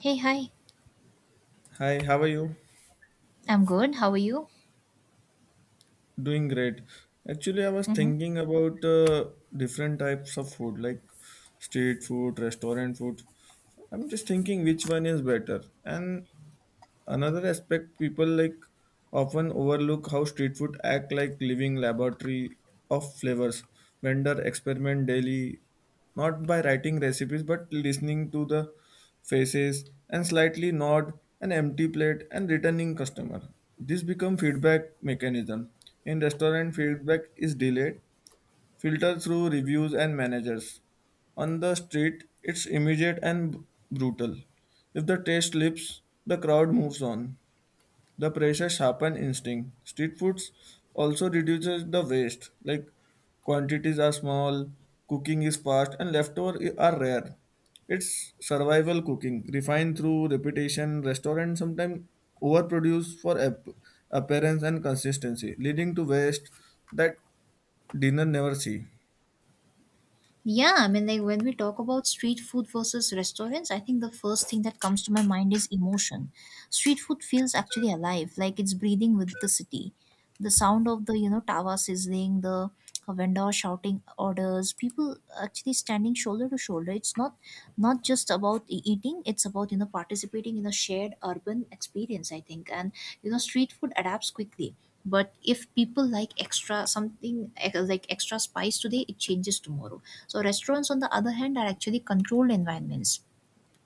Hey, hi. Hi, how are you? I'm good. How are you? Doing great. Actually, I was Hmm. thinking about different types of food like street food, restaurant food. I'm just thinking which one is better. And another aspect people like often overlook how street food act like living laboratory of flavors. Vendor experiment daily, not by writing recipes but listening to the faces and slightly nod an empty plate and returning customer. This become feedback mechanism. In restaurant, feedback is delayed filter through reviews and managers. On the street, it's immediate and brutal. If the taste slips, the crowd moves on. The pressure sharpen instinct. Street foods also reduces the waste, like quantities are small, cooking is fast, and leftovers are rare. It's survival cooking, refined through repetition. Restaurants sometimes overproduce for appearance and consistency, leading to waste that dinner never see. Yeah, I mean, like when we talk about street food versus restaurants, I think the first thing that comes to my mind is emotion. Street food feels actually alive, like it's breathing with the city. The sound of the, you know, tawa sizzling, the vendor shouting orders, people actually standing shoulder to shoulder. It's not just about eating; it's about you know participating in a shared urban experience, I think. And you know, street food adapts quickly. But if people like extra something like extra spice today, it changes tomorrow. So restaurants, on the other hand, are actually controlled environments.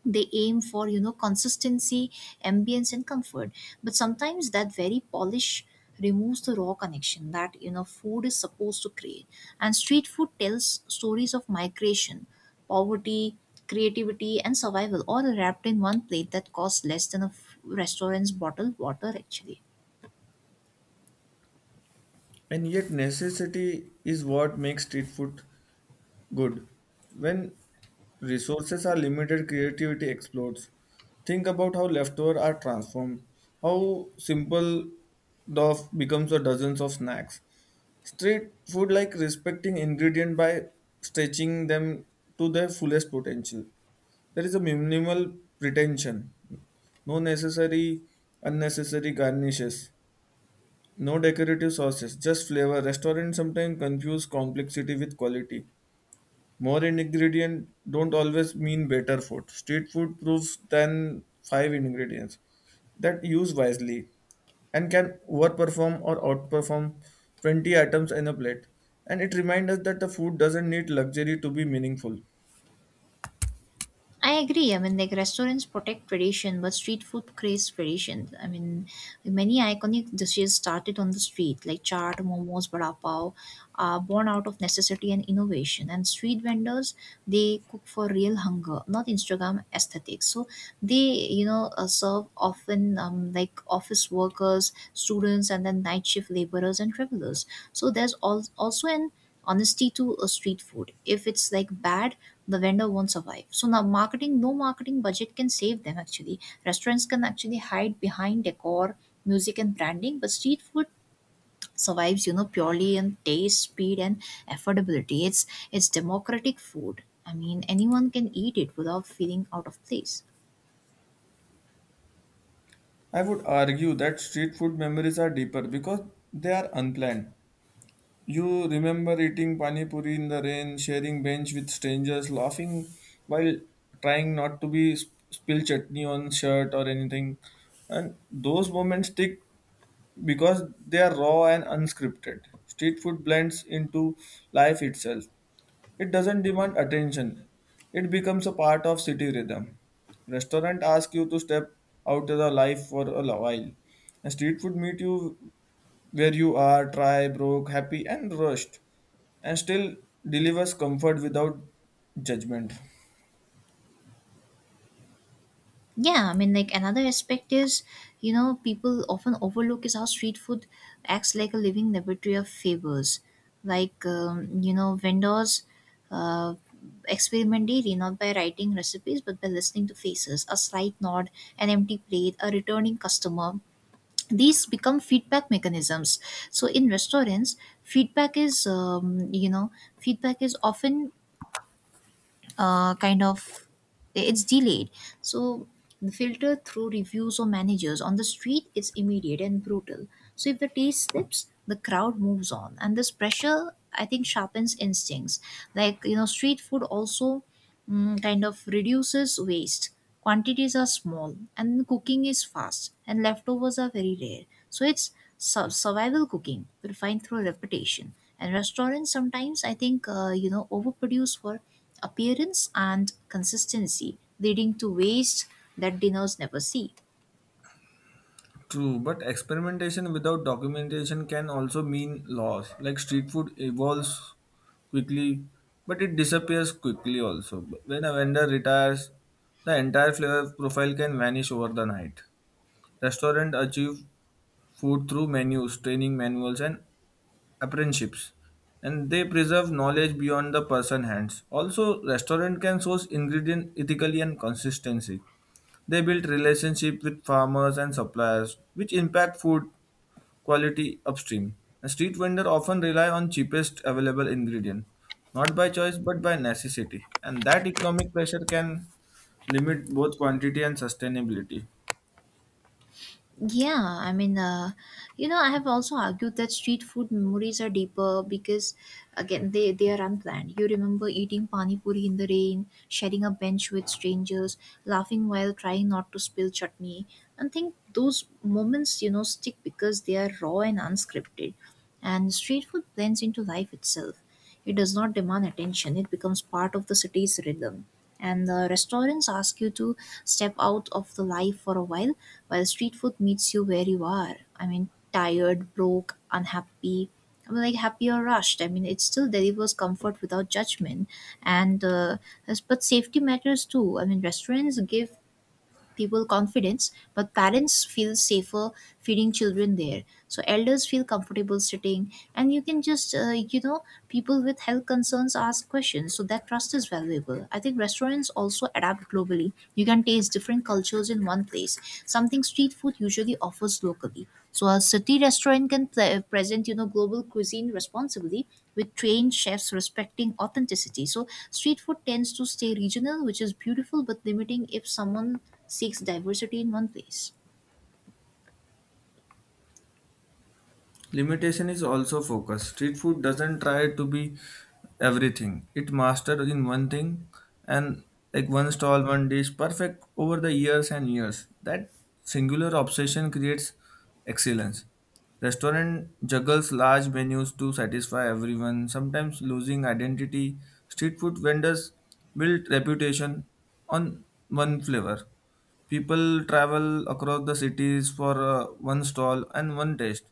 They aim for you know consistency, ambience, and comfort. But sometimes that very polish removes the raw connection that you know food is supposed to create. And street food tells stories of migration, poverty, creativity, and survival, all wrapped in one plate that costs less than a restaurant's bottled water actually. And yet, necessity is what makes street food good. When resources are limited, creativity explodes. Think about how leftovers are transformed, how simple the becomes a dozens of snacks. Street food like respecting ingredient by stretching them to their fullest potential. There is a minimal pretension, no necessary unnecessary garnishes. No decorative sauces, just flavor. Restaurants sometimes confuse complexity with quality. More ingredients don't always mean better food. Street food proves than five ingredients that use wisely and can overperform or outperform 20 items in a plate. And it reminds us that the food doesn't need luxury to be meaningful. I agree. I mean, like restaurants protect tradition, but street food creates tradition. I mean, many iconic dishes started on the street, like chaat, momos, vada pav, are born out of necessity and innovation. And street vendors, they cook for real hunger, not Instagram aesthetics. So they, you know, serve often like office workers, students, and then night shift laborers and travelers. So there's also an honesty to a street food. If it's like bad, the vendor won't survive. So now marketing, no marketing budget can save them actually. Restaurants can actually hide behind decor, music and branding, but street food survives, you know, purely on taste, speed and affordability. It's democratic food. I mean anyone can eat it without feeling out of place. I would argue that street food memories are deeper because they are unplanned. You remember eating pani puri in the rain, sharing bench with strangers, laughing while trying not to spill chutney on shirt or anything. And those moments stick because they are raw and unscripted. Street food blends into life itself. It doesn't demand attention. It becomes a part of city rhythm. Restaurant ask you to step out of the life for a while. And street food meet you where you are, dry, broke, happy and rushed. And still delivers comfort without judgment. Yeah, I mean, like another aspect is, you know, people often overlook is how street food acts like a living laboratory of flavors. Like, you know, vendors uh, experiment daily, not by writing recipes, but by listening to faces, a slight nod, an empty plate, a returning customer. These become feedback mechanisms. So in restaurants, feedback is, you know, feedback is often kind of it's delayed, so the filter through reviews or managers on the street is immediate and brutal. So if the taste slips, the crowd moves on, and this pressure, I think, sharpens instincts. Like you know street food also, kind of reduces waste. Quantities are small and cooking is fast and leftovers are very rare. So it's survival cooking refined through repetition. And restaurants sometimes, I think, you know, overproduce for appearance and consistency, leading to waste that dinners never see. True, but experimentation without documentation can also mean loss. Like street food evolves quickly, but it disappears quickly also. When a vendor retires, the entire flavor profile can vanish over the night. Restaurants achieve food through menus, training manuals, and apprenticeships, and they preserve knowledge beyond the person hands. Also, restaurant can source ingredient ethically and consistency. They build relationship with farmers and suppliers, which impact food quality upstream. A street vendor often rely on cheapest available ingredient, not by choice but by necessity, and that economic pressure can limit both quantity and sustainability. Yeah, I mean, you know, I have also argued that street food memories are deeper because, again, they are unplanned. You remember eating pani puri in the rain, sharing a bench with strangers, laughing while trying not to spill chutney. And think those moments, you know, stick because they are raw and unscripted. And street food blends into life itself. It does not demand attention, it becomes part of the city's rhythm. And the restaurants ask you to step out of the life for a while street food meets you where you are. I mean, tired, broke, unhappy. I mean, like happy or rushed. I mean, it still delivers comfort without judgment. And but safety matters too. I mean, restaurants give people confidence, but parents feel safer feeding children there. So elders feel comfortable sitting, and you can just you know people with health concerns ask questions, so that trust is valuable. I think restaurants also adapt globally. You can taste different cultures in one place, something street food usually offers locally. So a city restaurant can present, you know, global cuisine responsibly with trained chefs respecting authenticity. So street food tends to stay regional, which is beautiful but limiting if someone seeks diversity in one place. Limitation is also focus. Street food doesn't try to be everything. It mastered in one thing and like one stall, one dish, perfect over the years and years. That singular obsession creates excellence. Restaurant juggles large menus to satisfy everyone, sometimes losing identity. Street food vendors build reputation on one flavor. People travel across the cities for one stall and one taste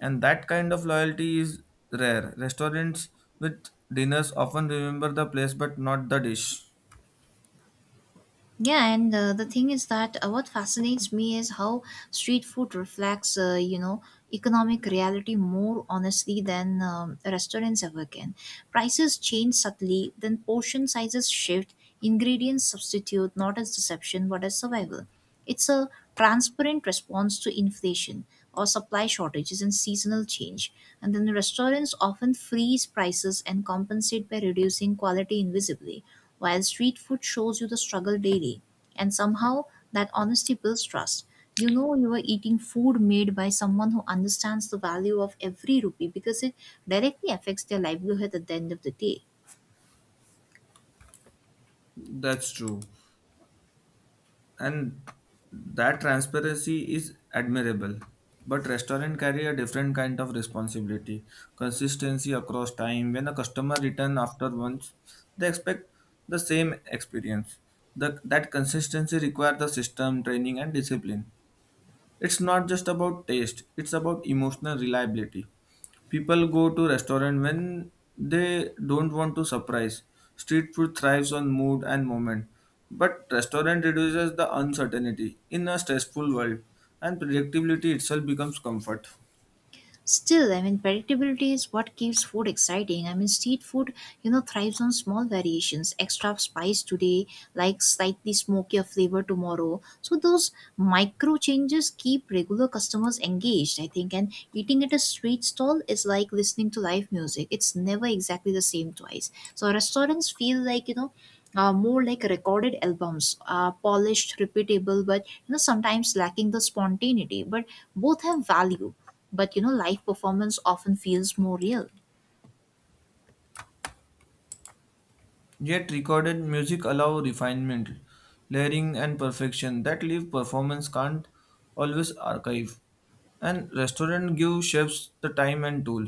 and that kind of loyalty is rare. Restaurants with dinners often remember the place but not the dish. Yeah, and the thing is that what fascinates me is how street food reflects, you know, economic reality more honestly than restaurants ever can. Prices change subtly, then portion sizes shift, ingredients substitute, not as deception but as survival. It's a transparent response to inflation or supply shortages and seasonal change. And then restaurants often freeze prices and compensate by reducing quality invisibly, while street food shows you the struggle daily. And somehow that honesty builds trust. You know you are eating food made by someone who understands the value of every rupee because it directly affects their livelihood at the end of the day. That's true. And that transparency is admirable. But restaurant carry a different kind of responsibility. Consistency across time. When a customer return after once, they expect the same experience. That consistency require the system, training and discipline. It's not just about taste, it's about emotional reliability. People go to restaurant when they don't want to surprise. Street food thrives on mood and moment, but restaurant reduces the uncertainty in a stressful world and predictability itself becomes comfort. Still, I mean, predictability is what keeps food exciting. I mean, street food, you know, thrives on small variations, extra spice today, like slightly smokier flavor tomorrow. So, those micro changes keep regular customers engaged, I think. And eating at a street stall is like listening to live music, it's never exactly the same twice. So, restaurants feel like, you know, more like recorded albums, polished, repeatable, but you know sometimes lacking the spontaneity. But both have value, but you know live performance often feels more real. Yet recorded music allow refinement, layering and perfection that live performance can't always archive. And restaurant give chefs the time and tool,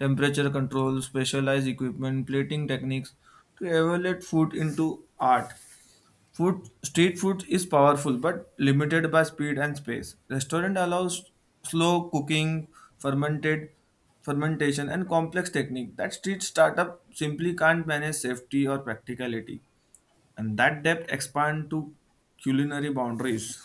temperature control, specialized equipment, plating techniques to evaluate food into art. Food, street food is powerful but limited by speed and space. Restaurant allows slow cooking, fermented fermentation and complex technique that street startup simply can't manage safety or practicality. And that depth expand to culinary boundaries.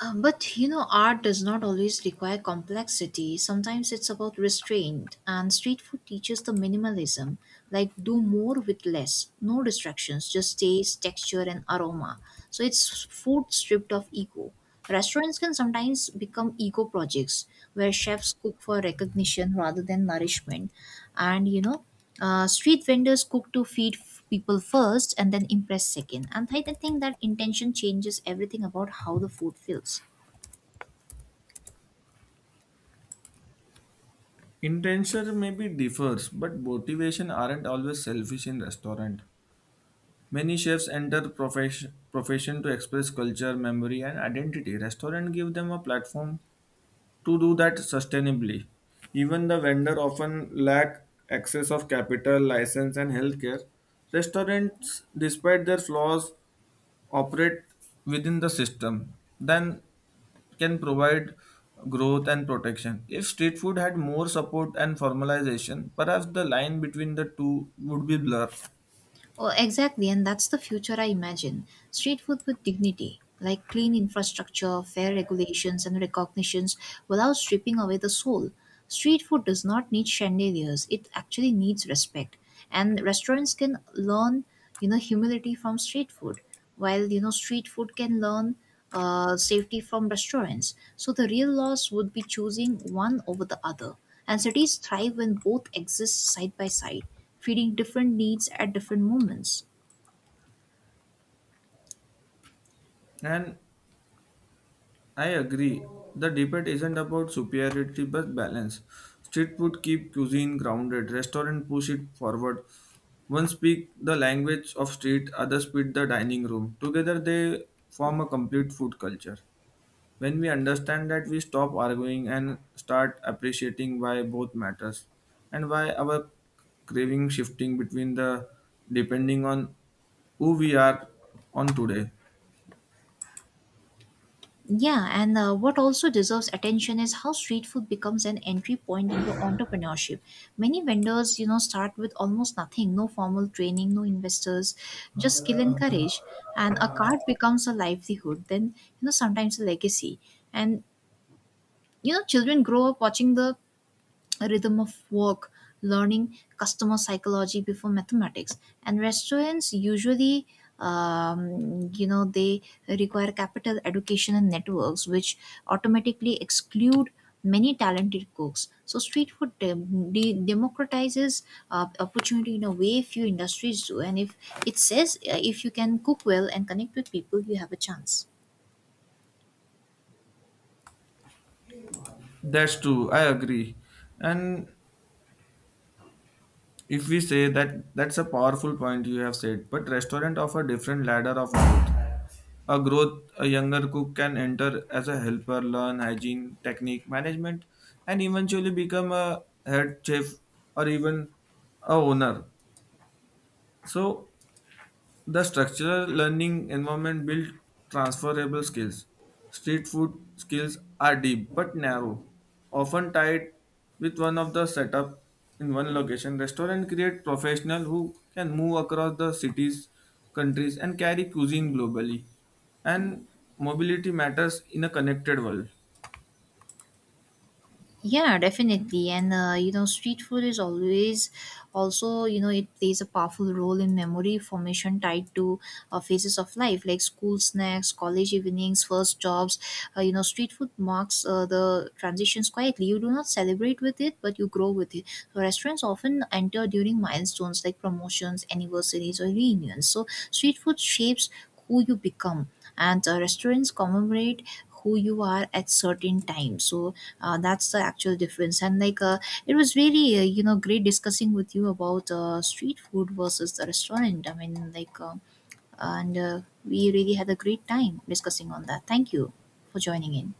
But you know art does not always require complexity. Sometimes it's about restraint, and street food teaches the minimalism, like do more with less. No distractions, just taste, texture and aroma. So it's food stripped of ego. Restaurants can sometimes become ego projects where chefs cook for recognition rather than nourishment. And street vendors cook to feed people first and then impress second. And I think that intention changes everything about how the food feels. Intention maybe differs, but motivation aren't always selfish in restaurant. Many chefs enter profession to express culture, memory, and identity. Restaurant give them a platform to do that sustainably. Even the vendor often lack access of capital, license, and healthcare. Restaurants, despite their flaws, operate within the system, then can provide growth and protection. If street food had more support and formalization, perhaps the line between the two would be blurred. Oh, exactly, and that's the future I imagine. Street food with dignity, like clean infrastructure, fair regulations, and recognitions without stripping away the soul. Street food does not need chandeliers, it actually needs respect. And restaurants can learn, you know, humility from street food, while, you know, street food can learn safety from restaurants. So the real loss would be choosing one over the other. And cities thrive when both exist side by side, feeding different needs at different moments. And I agree. The debate isn't about superiority but balance. Street food keep cuisine grounded, restaurant push it forward. One speak the language of street, others speak the dining room. Together they form a complete food culture. When we understand that we stop arguing and start appreciating why both matters and why our craving shifting between the depending on who we are on today. Yeah, and what also deserves attention is how street food becomes an entry point into entrepreneurship. Many vendors, you know, start with almost nothing, no formal training, no investors, just skill and courage. And a cart becomes a livelihood, then, you know, sometimes a legacy. And, you know, children grow up watching the rhythm of work, learning customer psychology before mathematics. And restaurants usually, you know, they require capital, education, and networks, which automatically exclude many talented cooks. So street food democratizes opportunity in a way few industries do. And if it says if you can cook well and connect with people, you have a chance. That's true, I agree. And if we say that that's a powerful point you have said, but restaurant offer different ladder of growth. A growth a younger cook can enter as a helper, learn hygiene, technique, management, and eventually become a head chef or even a owner. So the structural learning environment builds transferable skills. Street food skills are deep but narrow, often tied with one of the setup in one location. Restaurant create professionals who can move across the cities, countries, and carry cuisine globally. And mobility matters in a connected world. Yeah, definitely. And you know, street food is always also, you know, it plays a powerful role in memory formation tied to phases of life like school snacks, college evenings, first jobs. You know, street food marks the transitions quietly. You do not celebrate with it, but you grow with it. So, restaurants often enter during milestones like promotions, anniversaries, or reunions. So, street food shapes who you become. And restaurants commemorate who you are at certain times. So that's the actual difference. And like it was really you know great discussing with you about street food versus the restaurant. I mean like and we really had a great time discussing on that. Thank you for joining in.